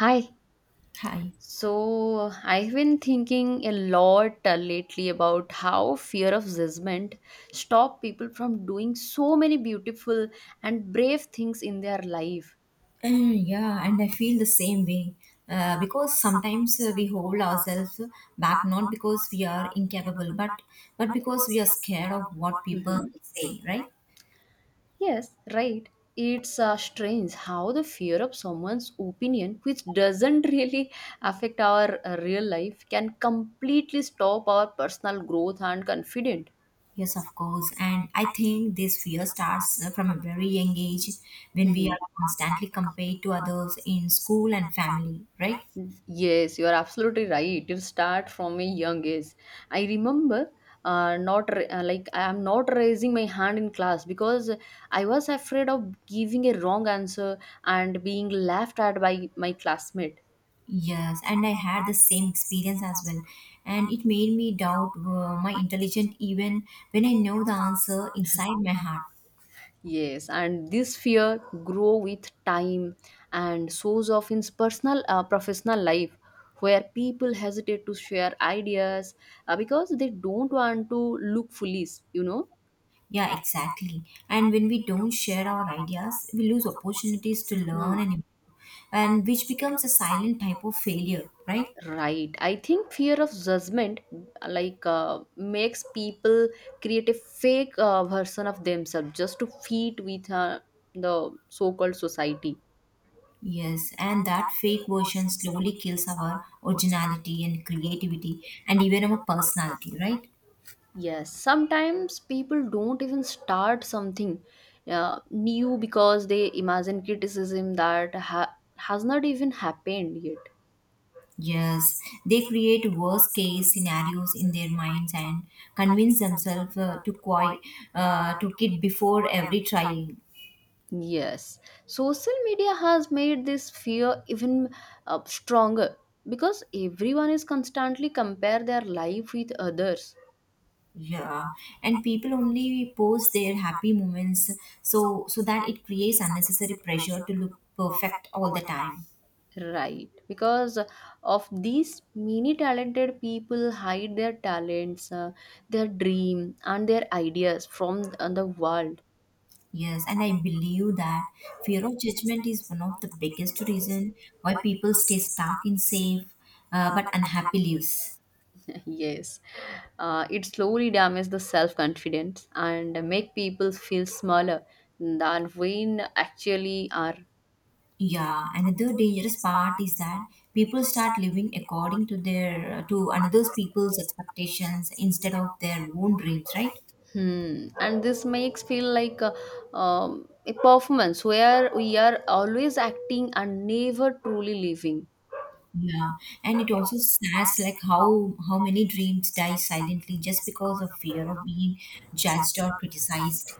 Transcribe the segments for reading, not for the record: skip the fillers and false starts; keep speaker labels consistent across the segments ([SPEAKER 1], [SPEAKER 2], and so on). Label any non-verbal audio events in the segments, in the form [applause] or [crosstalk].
[SPEAKER 1] Hi.
[SPEAKER 2] Hi.
[SPEAKER 1] So I've been thinking a lot lately about how fear of judgment stop people from doing so many beautiful and brave things in their life.
[SPEAKER 2] Uh, yeah, and I feel the same way. Because sometimes we hold ourselves back not because we are incapable, but because we are scared of what people
[SPEAKER 1] Hmm.
[SPEAKER 2] will say, right?
[SPEAKER 1] Yes, right. It's strange how the fear of someone's opinion, which doesn't [laughs] really affect our real life, can completely stop our personal growth and confidence.
[SPEAKER 2] Yes, of course. And I think this fear starts from a very young age when we
[SPEAKER 1] Mhm.
[SPEAKER 2] are constantly compared to others in school and family, right?
[SPEAKER 1] Yes, you are absolutely right. You start from a young age. I remember not ra- like I am not raising my hand in class because I was afraid of giving a wrong answer and being laughed at by my classmate.
[SPEAKER 2] Yes, and I had the same experience as well. And it made me doubt my intelligence even when I know the answer inside my heart.
[SPEAKER 1] Yes, and this fear grow with time and shows off in personal professional life where people hesitate to share ideas because they don't want to look foolish.
[SPEAKER 2] Yeah, exactly. And when we don't share our ideas, we lose opportunities to
[SPEAKER 1] Hmm.
[SPEAKER 2] learn and improve, and which becomes a silent type of failure, right?
[SPEAKER 1] Right. I think fear of judgment like makes people create a fake version of themselves just to fit with the so-called society.
[SPEAKER 2] Yes, and that fake version slowly kills our originality and creativity and even our personality, right?
[SPEAKER 1] Yes, sometimes people don't even start something new because they imagine criticism that has not even happened yet.
[SPEAKER 2] Yes, they create worst case scenarios in their minds and convince themselves to quit, before every try.
[SPEAKER 1] Yes, social media has made this fear even stronger because everyone is constantly compare their life with others.
[SPEAKER 2] Yeah, and people only post their happy moments so that it creates unnecessary pressure to look perfect all the time.
[SPEAKER 1] Right, because of these many talented people hide their talents, their dream, and their ideas from the world.
[SPEAKER 2] Yes, and I believe that fear of judgment is one of the biggest reason why people stay stuck in safe but unhappy lives.
[SPEAKER 1] [laughs] Yes, it slowly damages the self confidence and make people feel smaller than when actually are.
[SPEAKER 2] Yeah, another dangerous part is that people start living according to their to another's people's expectations instead of their own dreams, right?
[SPEAKER 1] Hmm. And this makes feel like a performance where we are always acting and never truly living.
[SPEAKER 2] Yeah, and it also says like how many dreams die silently just because of fear of being judged or criticized.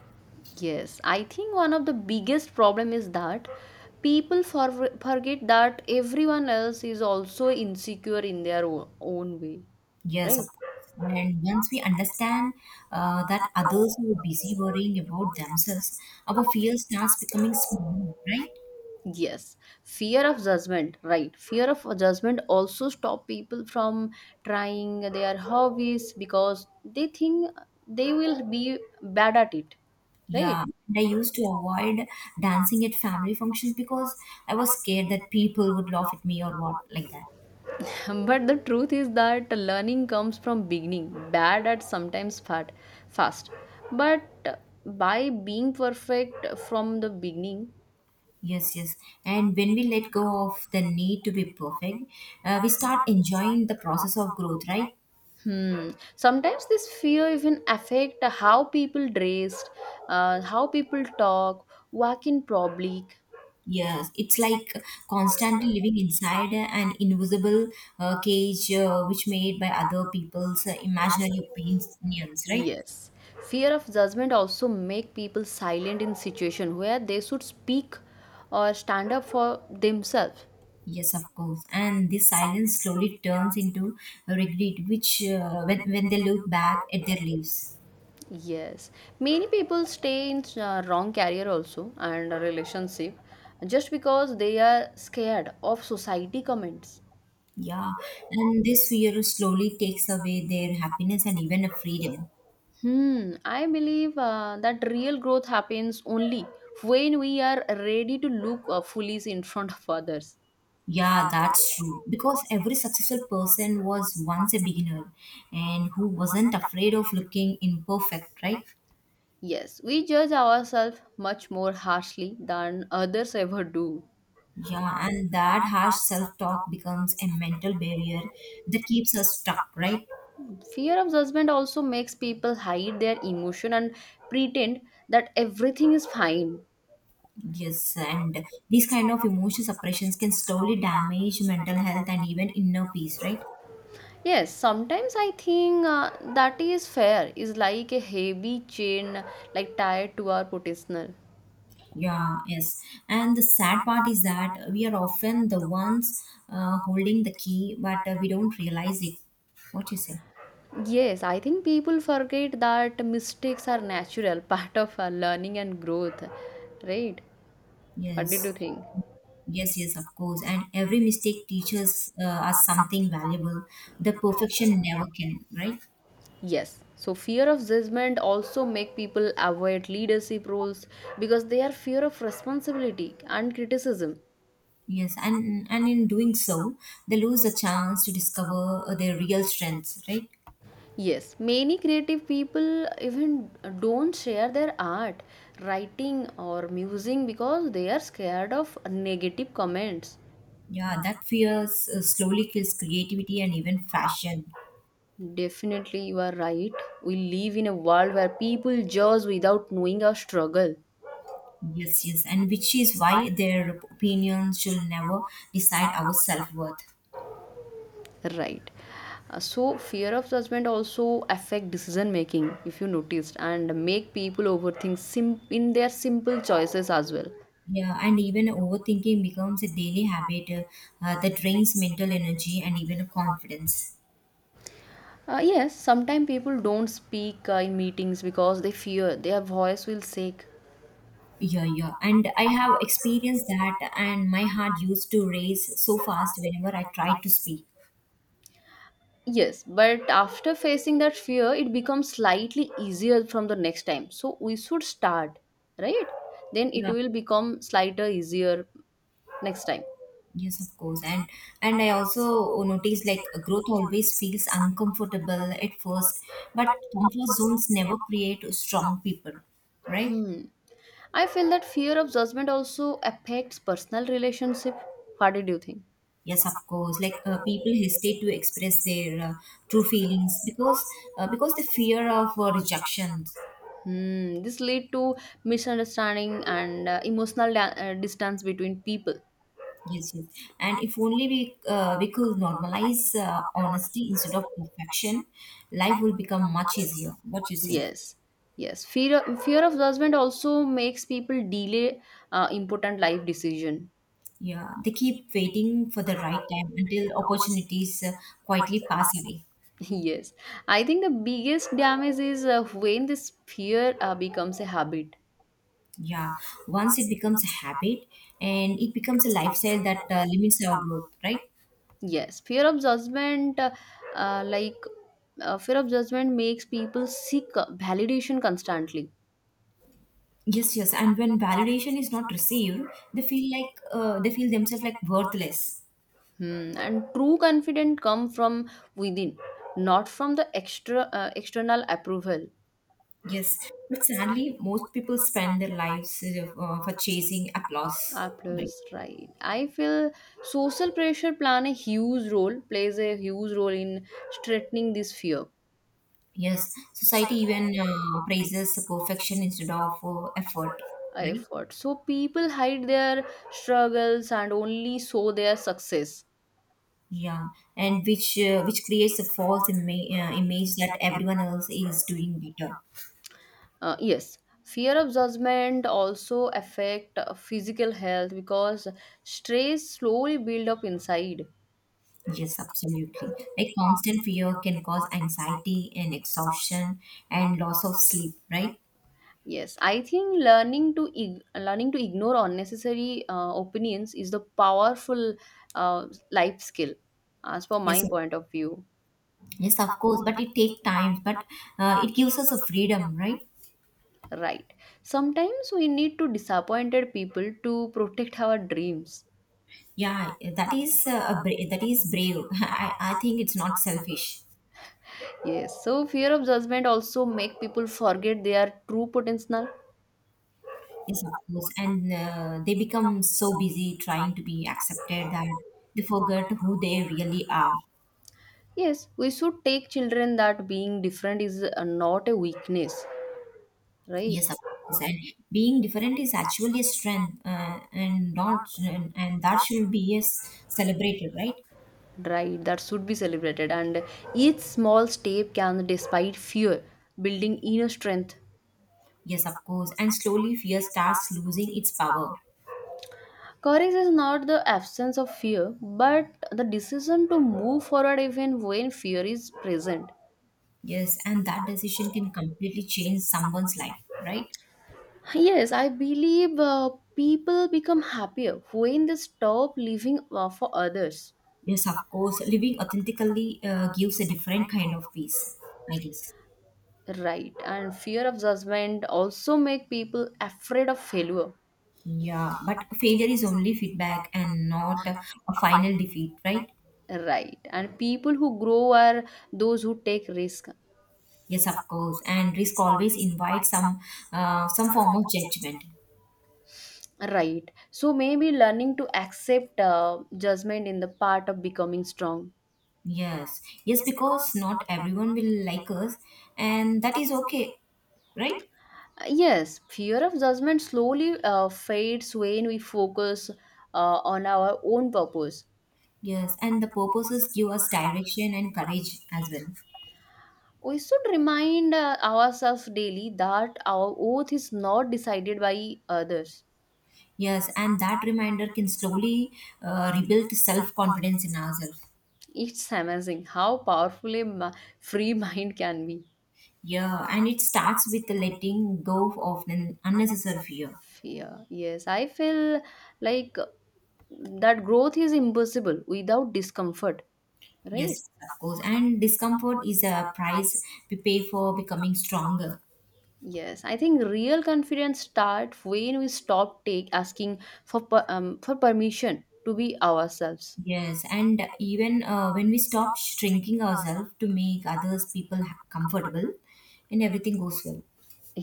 [SPEAKER 1] Yes, I think one of the biggest problem is that people forget that everyone else is also insecure in their own way,
[SPEAKER 2] Yes, of
[SPEAKER 1] right?
[SPEAKER 2] course. And once we understand that others who are busy worrying about themselves, our fear starts becoming small, right?
[SPEAKER 1] Yes, fear of judgment, right? Fear of judgment also stop people from trying their hobbies because they think they will be bad at it, right?
[SPEAKER 2] Yeah, and I used to avoid dancing at family functions because I was scared that people would laugh at me or what like that.
[SPEAKER 1] [laughs] But the truth is that learning comes from beginning, bad at sometimes fast. But by being perfect from the beginning,
[SPEAKER 2] Yes, yes. And when we let go of the need to be perfect, we start enjoying the process of growth, right?
[SPEAKER 1] hmm, sometimes this fear even affect how people dressed, how people talk, walk in public.
[SPEAKER 2] Yes, it's like constantly living inside an invisible cage which made by other people's imaginary opinions, right?
[SPEAKER 1] Yes. Fear of judgment also make people silent in situation where they should speak or stand up for themselves.
[SPEAKER 2] Yes, of course. And this silence slowly turns into regret, which when they look back at their lives.
[SPEAKER 1] Yes. Many people stay in wrong career also and relationship just because they are scared of society comments.
[SPEAKER 2] Yeah, and this fear slowly takes away their happiness and even a freedom.
[SPEAKER 1] Hmm. I believe that real growth happens only when we are ready to look foolish in front of others.
[SPEAKER 2] Yeah, that's true. Because every successful person was once a beginner and who wasn't afraid of looking imperfect, right?
[SPEAKER 1] Yes, we judge ourselves much more harshly than others ever do.
[SPEAKER 2] Yeah, and that harsh self talk becomes a mental barrier that keeps us stuck, right?
[SPEAKER 1] Fear of judgment also makes people hide their emotion and pretend that everything is fine.
[SPEAKER 2] Yes, and these kind of emotional suppressions can slowly damage mental health and even inner peace, right?
[SPEAKER 1] Yes, sometimes I think that is fair, is like a heavy chain like tied to our potential.
[SPEAKER 2] Yeah, yes. And the sad part is that we are often the ones holding the key, but we don't realize it. What you say?
[SPEAKER 1] Yes, I think people forget that mistakes are natural [laughs] part of our learning and growth. Right? What did
[SPEAKER 2] Yes.
[SPEAKER 1] you think?
[SPEAKER 2] Yes, yes, of course. And every mistake teaches us something valuable. The perfection never can, right?
[SPEAKER 1] Yes. So fear of judgment also make people avoid leadership roles because they are fear of responsibility and criticism.
[SPEAKER 2] Yes, and in doing so, they lose a chance to discover their real strengths, right?
[SPEAKER 1] Yes, many creative people even don't share their art, writing, or musing because they are scared of negative comments.
[SPEAKER 2] Yeah, that fear slowly kills creativity and even fashion.
[SPEAKER 1] Definitely, you are right. We live in a world where people judge without knowing our struggle.
[SPEAKER 2] Yes, yes, and which is why their opinions should never decide our self worth.
[SPEAKER 1] Right. So, fear of judgment also affect decision making, if you noticed, and make people overthink in their simple choices as well.
[SPEAKER 2] Yeah, and even overthinking becomes a daily habit that drains mental energy and even confidence.
[SPEAKER 1] Yes, sometimes people don't speak in meetings because they fear their voice will shake.
[SPEAKER 2] Yeah, yeah. And I have experienced that, and my heart used to race so fast whenever I tried to speak.
[SPEAKER 1] Yes, but after facing that fear, it becomes slightly easier from the next time. So we should start, right? Then it
[SPEAKER 2] Yeah.
[SPEAKER 1] will become slightly easier next time.
[SPEAKER 2] Yes, of course. And I also noticed like growth always feels uncomfortable at first, but comfort zones never create strong people, right?
[SPEAKER 1] Hmm. I feel that fear of judgment also affects personal relationship. What did you think?
[SPEAKER 2] Yes, of course. Like people hesitate to express their true feelings because the fear of rejection.
[SPEAKER 1] Hmm. This lead to misunderstanding and emotional distance between people.
[SPEAKER 2] Yes, yes. And if only we could normalize honesty instead of perfection, life will become much easier. What you say?
[SPEAKER 1] Yes, yes. Fear of judgment also makes people delay important life decision.
[SPEAKER 2] Yeah, they keep waiting for the right time until opportunities quietly pass away.
[SPEAKER 1] [laughs] Yes, I think the biggest damage is when this fear becomes a habit.
[SPEAKER 2] Yeah, once it becomes a habit and it becomes a lifestyle that limits our growth, right?
[SPEAKER 1] Yes, uh, like fear of judgment, makes people seek validation constantly.
[SPEAKER 2] Yes, yes. And when validation is not received, they feel like they feel themselves like worthless.
[SPEAKER 1] Hmm. And true confidence come from within, not from the extra external approval.
[SPEAKER 2] Yes, but sadly, most people spend their lives for chasing applause. Right.
[SPEAKER 1] Applause, right. I feel social pressure plan a huge role, plays a huge role in strengthening this fear
[SPEAKER 2] Yes, society even praises perfection instead of effort. Right.
[SPEAKER 1] effort. So people hide their struggles and only show their success.
[SPEAKER 2] Yeah, and which creates a false image that everyone else is doing better.
[SPEAKER 1] Yes, fear of judgment also affect physical health because stress slowly build up inside.
[SPEAKER 2] Yes, absolutely. Like constant fear can cause anxiety and exhaustion and loss of sleep. Right.
[SPEAKER 1] Yes, I think learning to ignore unnecessary opinions is the powerful life skill, as per
[SPEAKER 2] Yes.
[SPEAKER 1] my point of view.
[SPEAKER 2] Yes, of course, but it takes time, but it gives us a freedom, right?
[SPEAKER 1] Right. Sometimes we need to disappointed people to protect our dreams.
[SPEAKER 2] Yeah, that is that is brave. [laughs] I think it's not selfish.
[SPEAKER 1] Yes. So fear of judgment also make people forget their true potential.
[SPEAKER 2] Yes, of course. And they become so busy trying to be accepted that they forget who they really are.
[SPEAKER 1] Yes, we should take children that being different is not a weakness, right?
[SPEAKER 2] Yes, of course. And being different is actually a strength, and not and, and that should be yes celebrated, right?
[SPEAKER 1] Right, that should be celebrated, and each small step can despite fear, building inner strength.
[SPEAKER 2] Yes, of course. And slowly, fear starts losing its power.
[SPEAKER 1] Courage is not the absence of fear but the decision to move forward even when fear is present.
[SPEAKER 2] Yes, and that decision can completely change someone's life, right?
[SPEAKER 1] Yes, I believe people become happier when they stop living for others.
[SPEAKER 2] Yes, of course. Living authentically gives a different kind of peace, I guess.
[SPEAKER 1] Right, and fear of judgment also make people afraid of failure.
[SPEAKER 2] Yeah, but failure is only feedback and not a final defeat, right?
[SPEAKER 1] Right, and people who grow are those who take risk.
[SPEAKER 2] Yes, of course. And risk always invites some form of judgment.
[SPEAKER 1] Right. So maybe learning to accept judgment in the part of becoming strong.
[SPEAKER 2] Yes, yes, because not everyone will like us, and that is okay, right?
[SPEAKER 1] Yes, fear of judgment slowly fades when we focus on our own purpose.
[SPEAKER 2] Yes, and the purposes give us direction and courage as well.
[SPEAKER 1] We should remind ourselves daily that our oath is not decided by others.
[SPEAKER 2] Yes, and that reminder can slowly rebuild self confidence in ourselves.
[SPEAKER 1] It's amazing how powerful a free [laughs] mind can be.
[SPEAKER 2] Yeah, and it starts with letting go of an unnecessary fear.
[SPEAKER 1] Fear. Yes, I feel like that growth is impossible without discomfort, right?
[SPEAKER 2] Yes, of course. And discomfort is a price we pay for becoming stronger.
[SPEAKER 1] Yes, I think real confidence starts when we stop take asking for permission to be ourselves.
[SPEAKER 2] Yes, and even when we stop shrinking ourselves to make others people comfortable, and everything goes well.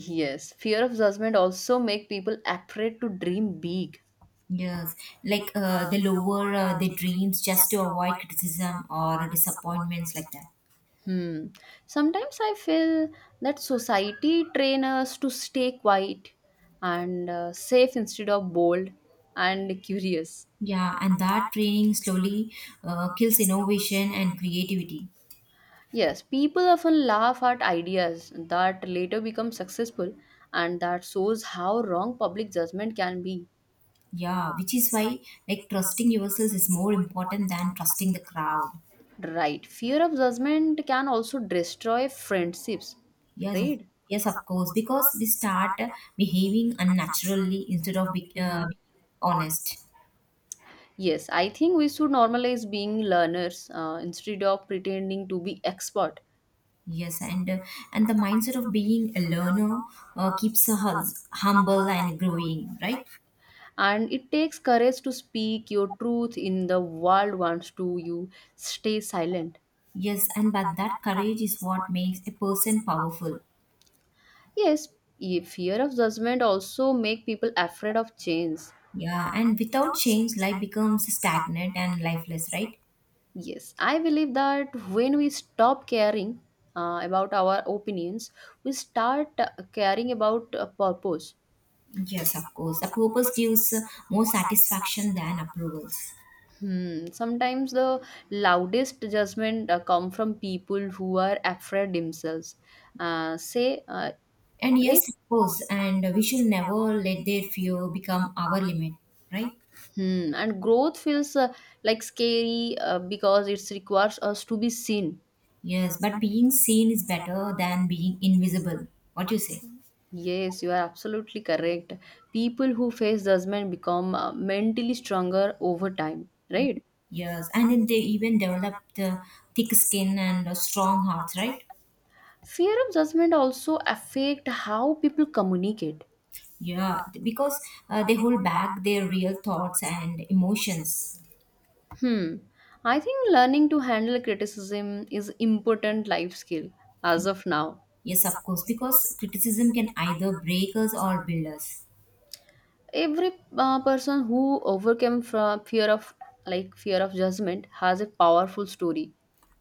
[SPEAKER 1] Yes, fear of judgment also make people afraid to dream big.
[SPEAKER 2] Yes, like they lower their dreams just to avoid criticism or disappointments like that.
[SPEAKER 1] Hmm. Sometimes I feel that society train us to stay quiet and safe instead of bold and [laughs] curious.
[SPEAKER 2] Yeah, and that training slowly kills innovation and creativity.
[SPEAKER 1] Yes, people often laugh at ideas that later become successful, and that shows how wrong public judgment can be.
[SPEAKER 2] Yeah, which is why like trusting yourself is more important than trusting the crowd.
[SPEAKER 1] Right. Fear of judgment can also destroy friendships,
[SPEAKER 2] Yes, of-
[SPEAKER 1] right?
[SPEAKER 2] yes, of course, because we start behaving unnaturally instead of
[SPEAKER 1] Hmm.
[SPEAKER 2] being honest.
[SPEAKER 1] Yes, I think we should normalize being learners instead of pretending to be expert.
[SPEAKER 2] Yes, and the mindset of being a learner keeps us humble and growing, right?
[SPEAKER 1] And it takes courage to speak your truth in the world wants to you stay silent.
[SPEAKER 2] Yes, and but that courage is what makes a person powerful.
[SPEAKER 1] Yes, fear of judgment also make people afraid of change.
[SPEAKER 2] Yeah, and without change, life becomes stagnant and lifeless, right?
[SPEAKER 1] Yes, I believe that when we stop caring about our opinions, we start caring about purpose.
[SPEAKER 2] Yes, of course. Approvals gives more satisfaction than approvals.
[SPEAKER 1] Hmm. Sometimes the loudest judgment come from people who are afraid themselves. Say
[SPEAKER 2] And
[SPEAKER 1] right.
[SPEAKER 2] yes, of course. And we should never let their fear become our limit, right?
[SPEAKER 1] Hmm. And growth feels like scary because it requires us to be seen.
[SPEAKER 2] Yes, but being seen is better than being invisible. What you say?
[SPEAKER 1] Yes, you are absolutely correct. People who face judgment become mentally stronger over time.
[SPEAKER 2] Yeah.
[SPEAKER 1] Right.
[SPEAKER 2] Yes, and then they even developed thick skin and strong hearts, right?
[SPEAKER 1] Fear of judgment also affect how people communicate.
[SPEAKER 2] Yeah, because they hold back their real thoughts and emotions.
[SPEAKER 1] Hmm. I think learning to handle criticism is important life skill as of now.
[SPEAKER 2] Yes, of course, because criticism can either break us or build us.
[SPEAKER 1] Every person who overcame from fear of judgment has a powerful story,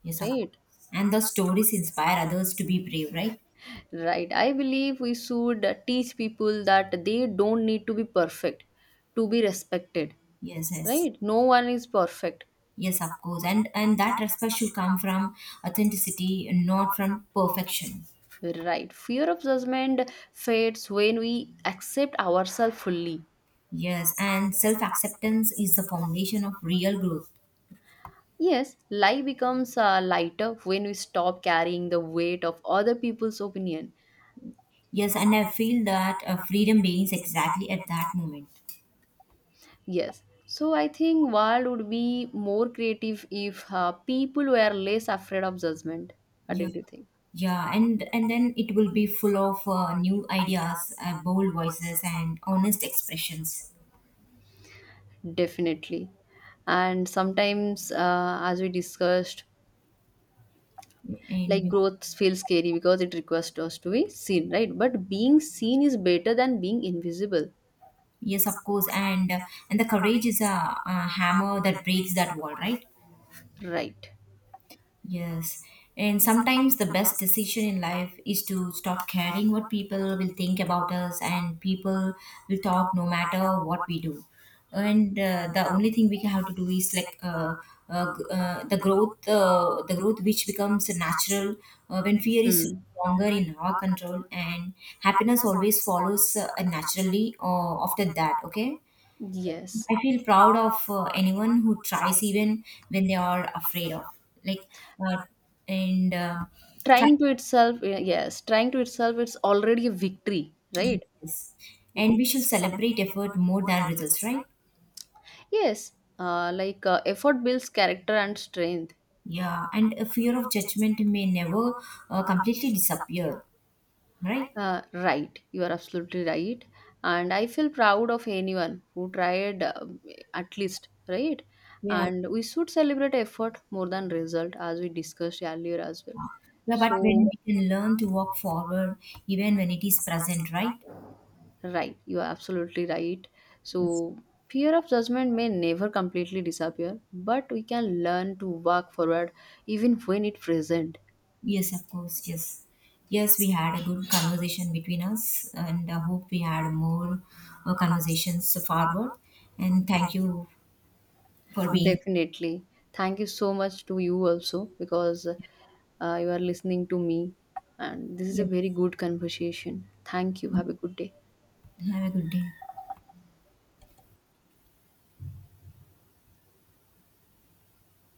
[SPEAKER 2] Yes, of
[SPEAKER 1] right?
[SPEAKER 2] course. And the stories inspire others to be brave, right?
[SPEAKER 1] Right. I believe we should teach people that they don't need to be perfect to be respected,
[SPEAKER 2] Yes, yes.
[SPEAKER 1] right? No one is perfect.
[SPEAKER 2] Yes, of course. And that respect should come from authenticity, not from perfection.
[SPEAKER 1] Right. Fear of judgment fades when we accept ourselves fully.
[SPEAKER 2] Yes, and self-acceptance is the foundation of real growth.
[SPEAKER 1] Yes, life becomes lighter when we stop carrying the weight of other people's opinion.
[SPEAKER 2] Yes, and I feel that freedom begins exactly at that moment.
[SPEAKER 1] Yes. So I think world would be more creative if people were less afraid of judgment. What
[SPEAKER 2] Yeah.
[SPEAKER 1] did you think?
[SPEAKER 2] Yeah, and then it will be full of new ideas, bold voices, and honest expressions.
[SPEAKER 1] Definitely. And sometimes, as we discussed, like
[SPEAKER 2] And
[SPEAKER 1] growth feels scary because it requires us to be seen, right? But being seen is better than being invisible,
[SPEAKER 2] yes, of course, and the courage is a hammer that breaks that wall, right?
[SPEAKER 1] right?
[SPEAKER 2] Yes, and sometimes the best decision in life is to stop caring what people will think about us, and people will talk no matter what we do. And the only thing we have to do is like the growth which becomes natural when fear is
[SPEAKER 1] Hmm.
[SPEAKER 2] longer in our control, and happiness always follows naturally after that. Okay.
[SPEAKER 1] Yes.
[SPEAKER 2] I feel proud of anyone who tries even when they are afraid of like uh, and try.
[SPEAKER 1] Trying to itself, yes, trying to itself, it's already a victory, right?
[SPEAKER 2] Yes. And we should celebrate effort more than results, right?
[SPEAKER 1] Yes. Effort builds character and strength.
[SPEAKER 2] Yeah, and a fear of judgment may never completely disappear, right?
[SPEAKER 1] Right, you are absolutely right. And I feel proud of anyone who tried at least right.
[SPEAKER 2] Yeah.
[SPEAKER 1] And we should celebrate effort more than result, as we discussed earlier as well.
[SPEAKER 2] Yeah, but
[SPEAKER 1] So,
[SPEAKER 2] when we can learn to walk forward even when it is present, right?
[SPEAKER 1] right, you are absolutely right.
[SPEAKER 2] Yes.
[SPEAKER 1] So, fear of judgment may never completely disappear, but we can learn to walk forward even when it present.
[SPEAKER 2] Yes, of course. Yes. Yes, we had a good conversation between us and I hope we had more conversations forward. And thank you for being.
[SPEAKER 1] Definitely. Thank you so much to you also because you are listening to me, and this is a
[SPEAKER 2] Yes.
[SPEAKER 1] very good conversation. Thank you. Have a good day.
[SPEAKER 2] Have a good day.